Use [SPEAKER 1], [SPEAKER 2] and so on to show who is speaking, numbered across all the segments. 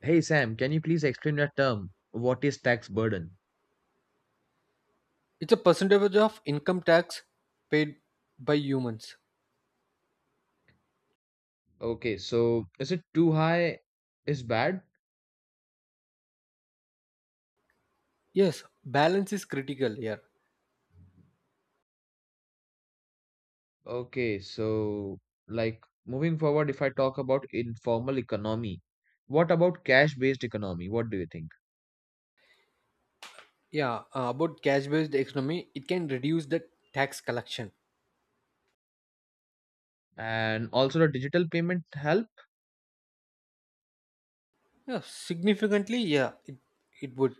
[SPEAKER 1] Hey Sam, can you please explain that term? What is tax burden?
[SPEAKER 2] It's a percentage of income tax paid by humans.
[SPEAKER 1] Okay, so is it too high is bad?
[SPEAKER 2] Yes, balance is critical here.
[SPEAKER 1] Okay, so like moving forward, if I talk about informal economy, what about cash-based economy? What do you think?
[SPEAKER 2] Yeah, about cash based economy, it can reduce the tax collection.
[SPEAKER 1] And also the digital payment help?
[SPEAKER 2] Yeah, significantly, yeah, it would.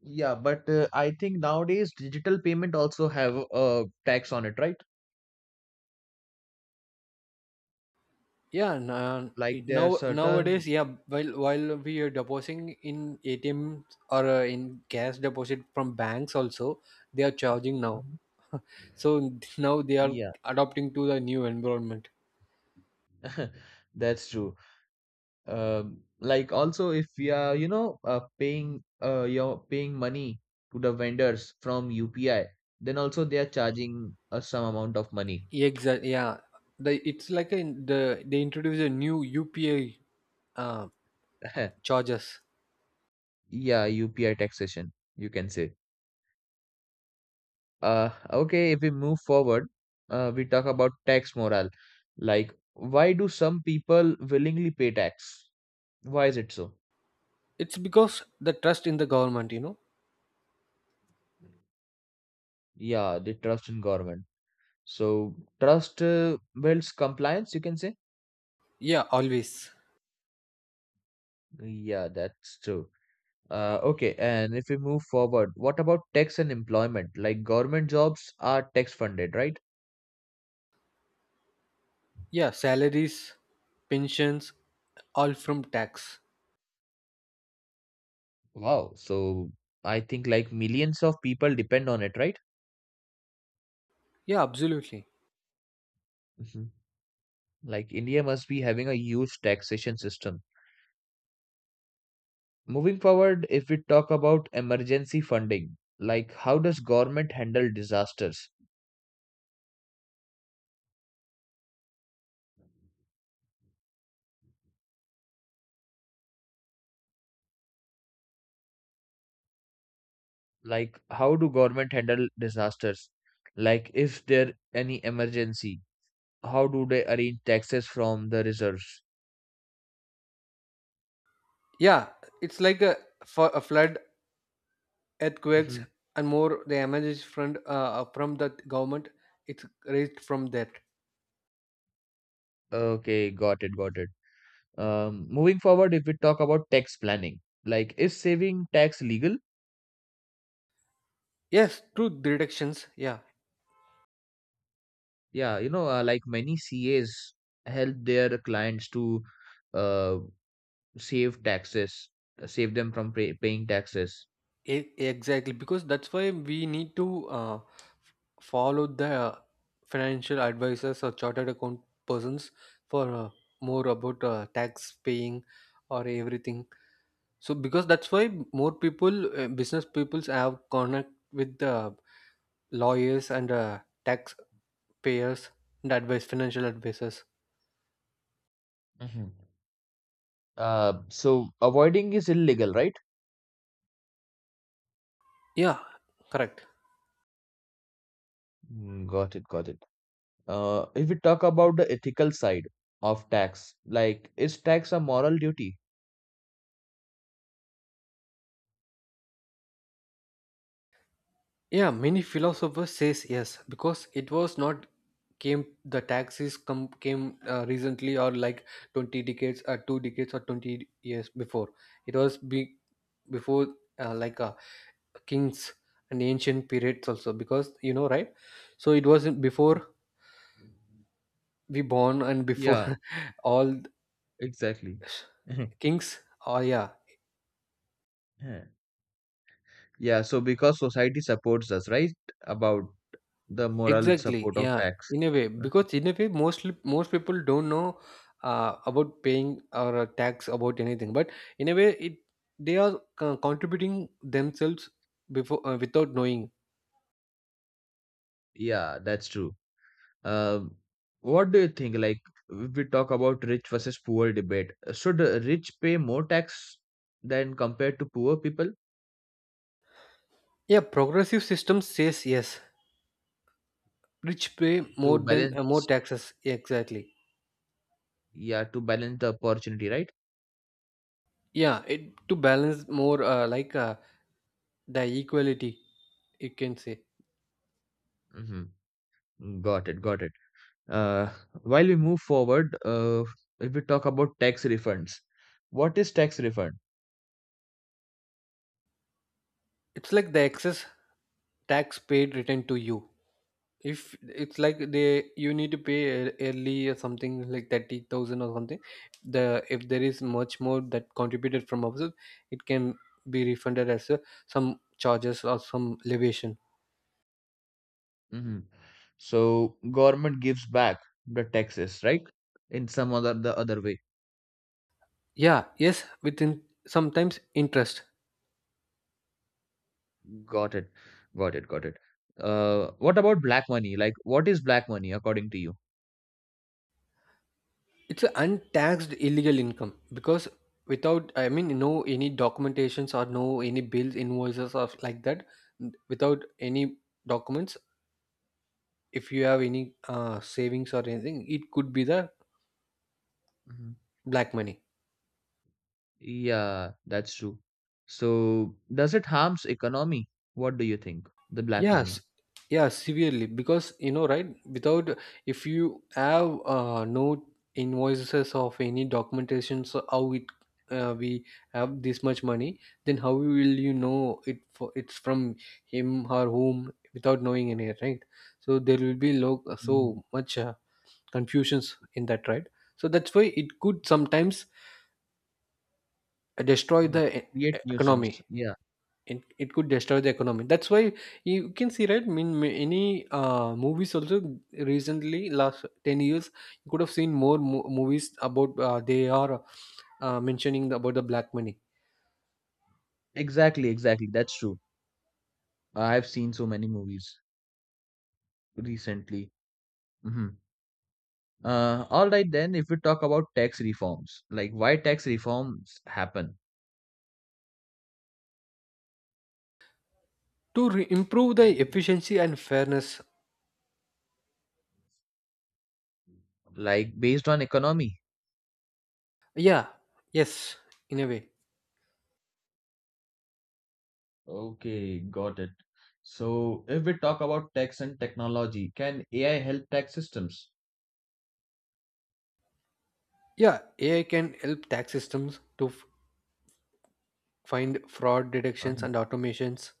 [SPEAKER 1] Yeah, but I think nowadays digital payment also have a tax on it, right?
[SPEAKER 2] Yeah,
[SPEAKER 1] Like there are
[SPEAKER 2] nowadays,
[SPEAKER 1] certain.
[SPEAKER 2] yeah, while we are depositing in ATMs or in cash deposit from banks also, they are charging now.
[SPEAKER 1] Mhm.
[SPEAKER 2] So now they are
[SPEAKER 1] Yeah,
[SPEAKER 2] adopting to the new environment.
[SPEAKER 1] that's true. Like also if we are paying you're paying money to the vendors from UPI, then also they are charging us some amount of money.
[SPEAKER 2] Exactly. Yeah. The, it's like a, the they introduce a new UPI uh, charges.
[SPEAKER 1] Yeah, UPI taxation, you can say. Okay, if we move forward, we talk about tax morale. Like, why do some people willingly pay tax? Why is it so?
[SPEAKER 2] It's because the trust in the government, you know.
[SPEAKER 1] Yeah, they trust in government. So, trust builds compliance, you can say.
[SPEAKER 2] Yeah, always.
[SPEAKER 1] Yeah, that's true. Okay, and if we move forward, what about tax and employment? Like government jobs are tax funded, right?
[SPEAKER 2] Yeah, salaries, pensions, all from tax.
[SPEAKER 1] Wow. So I think like millions of people depend on it, right?
[SPEAKER 2] Yeah, absolutely.
[SPEAKER 1] Mhm. Like India must be having a huge taxation system. Moving forward, if we talk about emergency funding, like how does government handle disasters? Like how do government handle disasters? Like if there any emergency, how do they arrange taxes from the reserves?
[SPEAKER 2] Yeah, it's like a For a flood, earthquakes,
[SPEAKER 1] Mhm.
[SPEAKER 2] and more. The emergency fund from the government. It's raised from that.
[SPEAKER 1] Okay, got it, got it. Moving forward, if we talk about tax planning, like is saving tax legal?
[SPEAKER 2] Yes, true deductions. Yeah,
[SPEAKER 1] Yeah, you know, like many CAs help their clients to uh, save taxes, save them from paying taxes.
[SPEAKER 2] exactly. Because that's why we need to. Follow the financial advisors or chartered account persons for more about tax paying or everything, so because that's why more people, business peoples have connect with the lawyers and tax payers and advice financial advisors.
[SPEAKER 1] Mhm. So avoiding is illegal, right?
[SPEAKER 2] Yeah, correct.
[SPEAKER 1] Mm, got it, got it. If we talk about the ethical side of tax, like is tax a moral duty?
[SPEAKER 2] Yeah, many philosophers says yes, because it was not came, the taxes come came recently, or like 20 decades or two decades or 20 years before. It was be, Before like kings and ancient periods also, because you know, right. So it was before we born, and
[SPEAKER 1] Yeah,
[SPEAKER 2] before all
[SPEAKER 1] exactly.
[SPEAKER 2] kings. Oh yeah.
[SPEAKER 1] Yeah, so because society supports us, right? About the moral
[SPEAKER 2] Exactly.
[SPEAKER 1] support of
[SPEAKER 2] Yeah.
[SPEAKER 1] tax.
[SPEAKER 2] In a way, because in a way, most people don't know about paying or tax about anything. But in a way, it they are contributing themselves before, without knowing.
[SPEAKER 1] Yeah, that's true. Um, what do you think? Like, if we talk about rich versus poor debate, should rich pay more tax than compared to poor people
[SPEAKER 2] Yeah, progressive system says yes. Rich pay more
[SPEAKER 1] to
[SPEAKER 2] than, more
[SPEAKER 1] balance?
[SPEAKER 2] taxes. Exactly.
[SPEAKER 1] Yeah, to balance the opportunity, right?
[SPEAKER 2] Yeah, it to balance more, like the equality. You can say
[SPEAKER 1] Mm-hmm. Got it, got it. Uh, while we move forward, if we talk about tax refunds, what is tax refund?
[SPEAKER 2] it's like the excess tax paid returned to you. If it's like they, you need to pay early, or something like 30,000 or something, the if there is much more that contributed from opposite, it can be refunded as a, some charges or some leviation.
[SPEAKER 1] Mhm. So government gives back the taxes, right? In some other the other way.
[SPEAKER 2] Yeah, yes, within sometimes interest.
[SPEAKER 1] Got it. Got it. Got it. What about black money? Like, what is black money according to you?
[SPEAKER 2] It's an untaxed illegal income, because without, I mean, no any documentations or no any bills invoices or like that, without any documents, if you have any savings or anything, it could be the
[SPEAKER 1] Mhm.
[SPEAKER 2] black money.
[SPEAKER 1] Yeah, that's true. So does it harms economy? What do you think? The black
[SPEAKER 2] Yes.
[SPEAKER 1] money.
[SPEAKER 2] Yeah, severely, because you know, right, without, if you have no invoices of any documentations, so how it, we have this much money, then how will you know it, for it's from him or whom, without knowing any, right. So there will be
[SPEAKER 1] Mm.
[SPEAKER 2] so much, confusions in that, right. So that's why it could sometimes destroy
[SPEAKER 1] Uh,
[SPEAKER 2] the
[SPEAKER 1] Create
[SPEAKER 2] economy.
[SPEAKER 1] nuisance. Yeah,
[SPEAKER 2] It could destroy the economy, that's why you can see, right, mean any movies also recently, last 10 years, you could have seen more movies about, they are mentioning about the black money.
[SPEAKER 1] exactly, exactly. That's true. I've seen so many movies recently. Mhm. All right then, if we talk about tax reforms, like why tax reforms happen,
[SPEAKER 2] To improve the efficiency and fairness.
[SPEAKER 1] like based on economy.
[SPEAKER 2] Yeah, yes, in a way.
[SPEAKER 1] Okay, got it. So, if we talk about tax and technology, can AI help tax systems?
[SPEAKER 2] Yeah, AI can help tax systems to find fraud detections
[SPEAKER 1] Uh-huh.
[SPEAKER 2] and automations.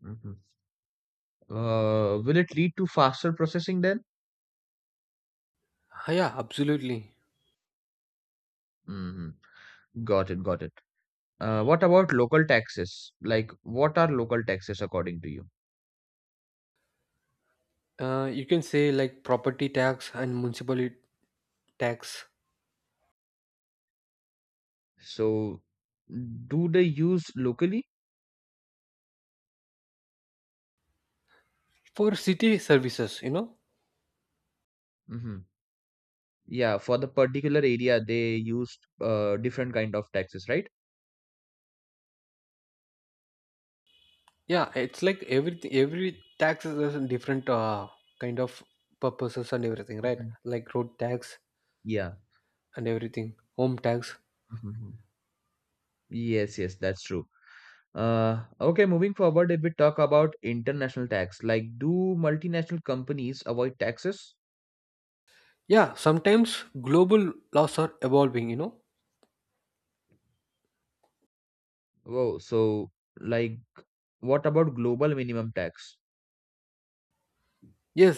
[SPEAKER 1] Mhm. Will it lead to faster processing then?
[SPEAKER 2] Ah, yeah, absolutely.
[SPEAKER 1] Hmm. Got it, got it. What about local taxes? Like, what are local taxes according to you?
[SPEAKER 2] You can say like property tax and municipal tax
[SPEAKER 1] So, do they use locally?
[SPEAKER 2] for city services, you know.
[SPEAKER 1] Mm-hmm. Yeah, for the particular area they used different kind of taxes, right?
[SPEAKER 2] Yeah, it's like everything, every tax is a different, kind of purposes and everything, right.
[SPEAKER 1] Mhm.
[SPEAKER 2] Like road tax
[SPEAKER 1] Yeah.
[SPEAKER 2] and everything, home tax.
[SPEAKER 1] Mhm. Yes, yes, that's true. Okay, moving forward, if we talk about international tax, like do multinational companies avoid taxes?
[SPEAKER 2] Yeah, sometimes global laws are evolving, you know.
[SPEAKER 1] Whoa, so like what about global minimum tax?
[SPEAKER 2] Yes,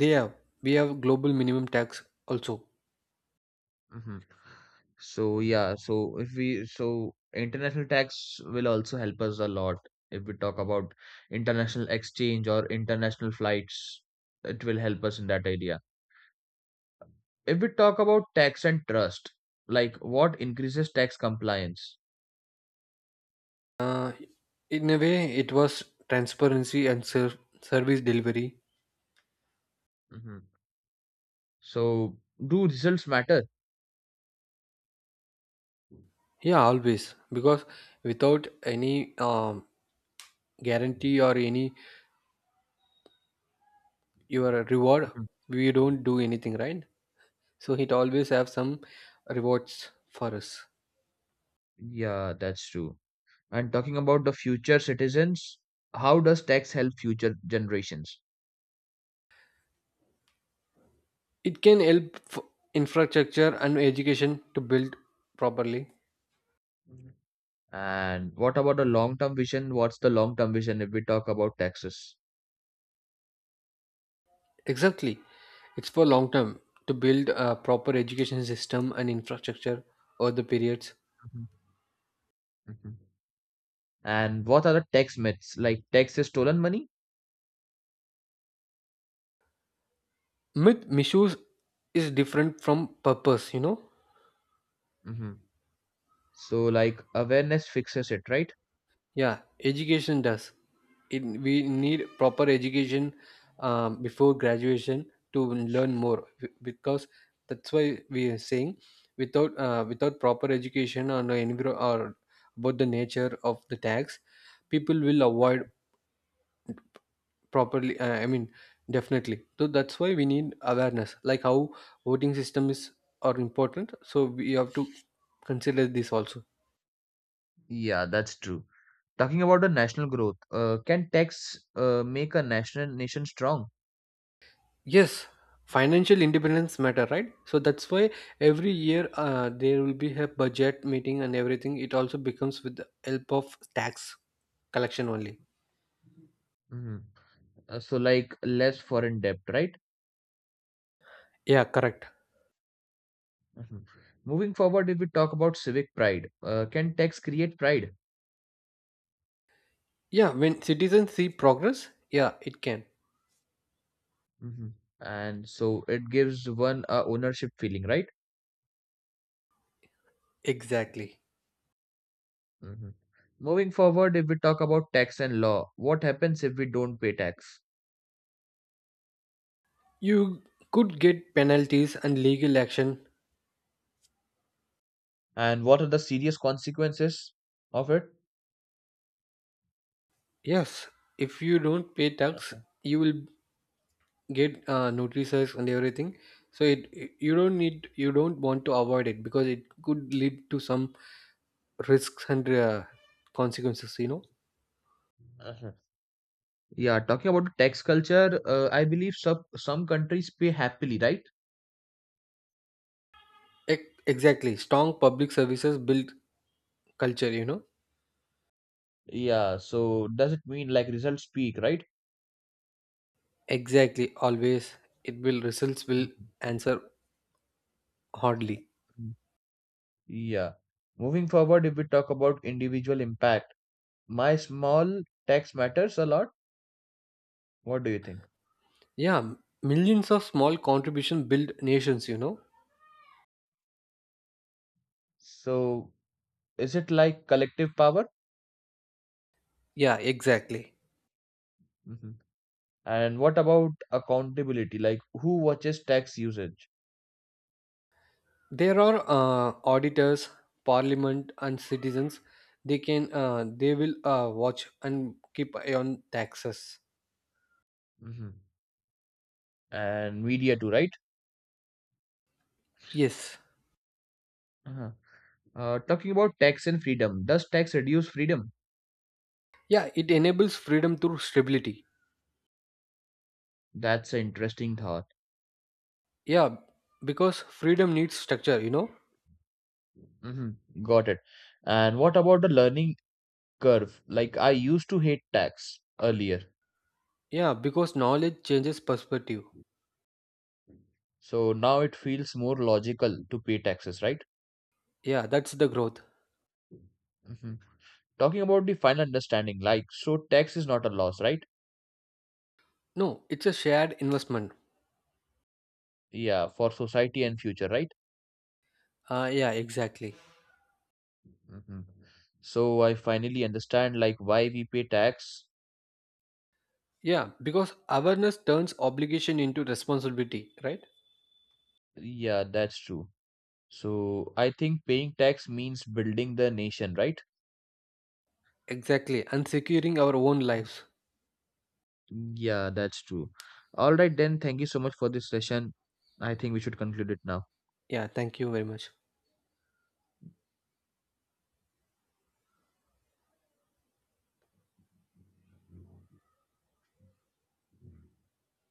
[SPEAKER 2] they have, we have global minimum tax also.
[SPEAKER 1] Mhm. So yeah, so if we so international tax will also help us a lot if we talk about international exchange or international flights, it will help us in that area. If we talk about tax and trust, like what increases tax compliance?
[SPEAKER 2] uh, in a way, it was transparency and service delivery.
[SPEAKER 1] Hmm. So, do results matter?
[SPEAKER 2] Yeah, always, because without any, um, guarantee or any your reward,
[SPEAKER 1] Hmm.
[SPEAKER 2] we don't do anything, right. So it always have some rewards for us.
[SPEAKER 1] Yeah, that's true. And talking about the future citizens, how does tax help future generations?
[SPEAKER 2] It can help infrastructure and education to build properly.
[SPEAKER 1] And what about the long term vision? What's the long term vision if we talk about taxes?
[SPEAKER 2] Exactly, it's for long term, to build a proper education system and infrastructure over the periods.
[SPEAKER 1] Hmm. Hmm. And what are the tax myths? Like tax is stolen money?
[SPEAKER 2] Myth misuse is different from purpose, you know.
[SPEAKER 1] Hmm. So, like awareness fixes it, right?
[SPEAKER 2] Yeah, education does. It, we need proper education, before graduation, to learn more because that's why we are saying, without proper education on the enviro, or about the nature of the tax, people will avoid properly. I mean, definitely. So that's why we need awareness, like how voting system is, are important. So we have to consider this also.
[SPEAKER 1] Yeah, that's true. Talking about the national growth, can tax make a nation strong?
[SPEAKER 2] Yes, financial independence matter, right? So that's why every year there will be a budget meeting and everything. It also becomes with the help of tax collection only.
[SPEAKER 1] Mhm. So, like less foreign debt, right?
[SPEAKER 2] Yeah, correct.
[SPEAKER 1] Mhm. Moving forward, if we talk about civic pride, can tax create pride?
[SPEAKER 2] Yeah, when citizens see progress, yeah, it can.
[SPEAKER 1] Mhm. And so it gives one a ownership feeling, right?
[SPEAKER 2] Exactly.
[SPEAKER 1] Mhm. Moving forward, if we talk about tax and law, what happens if we don't pay tax?
[SPEAKER 2] You could get penalties and legal action.
[SPEAKER 1] And what are the serious consequences of it?
[SPEAKER 2] Yes, if you don't pay tax, you will get notices and everything. So it, you don't want to avoid it, because it could lead to some risks and consequences, you know.
[SPEAKER 1] Mhm. Yeah, talking about the tax culture, I believe some countries pay happily, right?
[SPEAKER 2] Exactly, strong public services build culture, you know.
[SPEAKER 1] Yeah, so does it mean like results speak, right?
[SPEAKER 2] Exactly, always it will, results will
[SPEAKER 1] Mhm.
[SPEAKER 2] answer hardly.
[SPEAKER 1] Yeah. Moving forward, if we talk about individual impact, my small tax matters a lot. What do you think?
[SPEAKER 2] Yeah, millions of small contribution build nations, you know.
[SPEAKER 1] So, is it like collective power?
[SPEAKER 2] Yeah, exactly.
[SPEAKER 1] Hmm. And what about accountability? Like, who watches tax usage?
[SPEAKER 2] There are auditors, parliament and citizens, they can they will watch and keep eye on taxes.
[SPEAKER 1] Hmm. And media too, right?
[SPEAKER 2] Yes.
[SPEAKER 1] Uh-huh. Talking about tax and freedom, does tax reduce freedom?
[SPEAKER 2] Yeah, it enables freedom through stability.
[SPEAKER 1] That's an interesting thought.
[SPEAKER 2] Yeah, because freedom needs structure, you know?
[SPEAKER 1] Hmm. Got it. And what about the learning curve? Like I used to hate tax earlier,
[SPEAKER 2] Yeah, because knowledge changes perspective.
[SPEAKER 1] so now it feels more logical to pay taxes, right?
[SPEAKER 2] Yeah, that's the growth.
[SPEAKER 1] Hmm. Talking about the final understanding, like so, tax is not a loss, right?
[SPEAKER 2] No, it's a shared investment.
[SPEAKER 1] Yeah, for society and future, right?
[SPEAKER 2] Yeah, exactly.
[SPEAKER 1] Hmm. So I finally understand like why we pay tax.
[SPEAKER 2] Yeah, because awareness turns obligation into responsibility, right?
[SPEAKER 1] Yeah, that's true. So I think paying tax means building the nation, right?
[SPEAKER 2] Exactly, and securing our own lives.
[SPEAKER 1] Yeah, that's true. All right, then. Thank you so much for this session. I think we should conclude it now.
[SPEAKER 2] Yeah, thank you very much.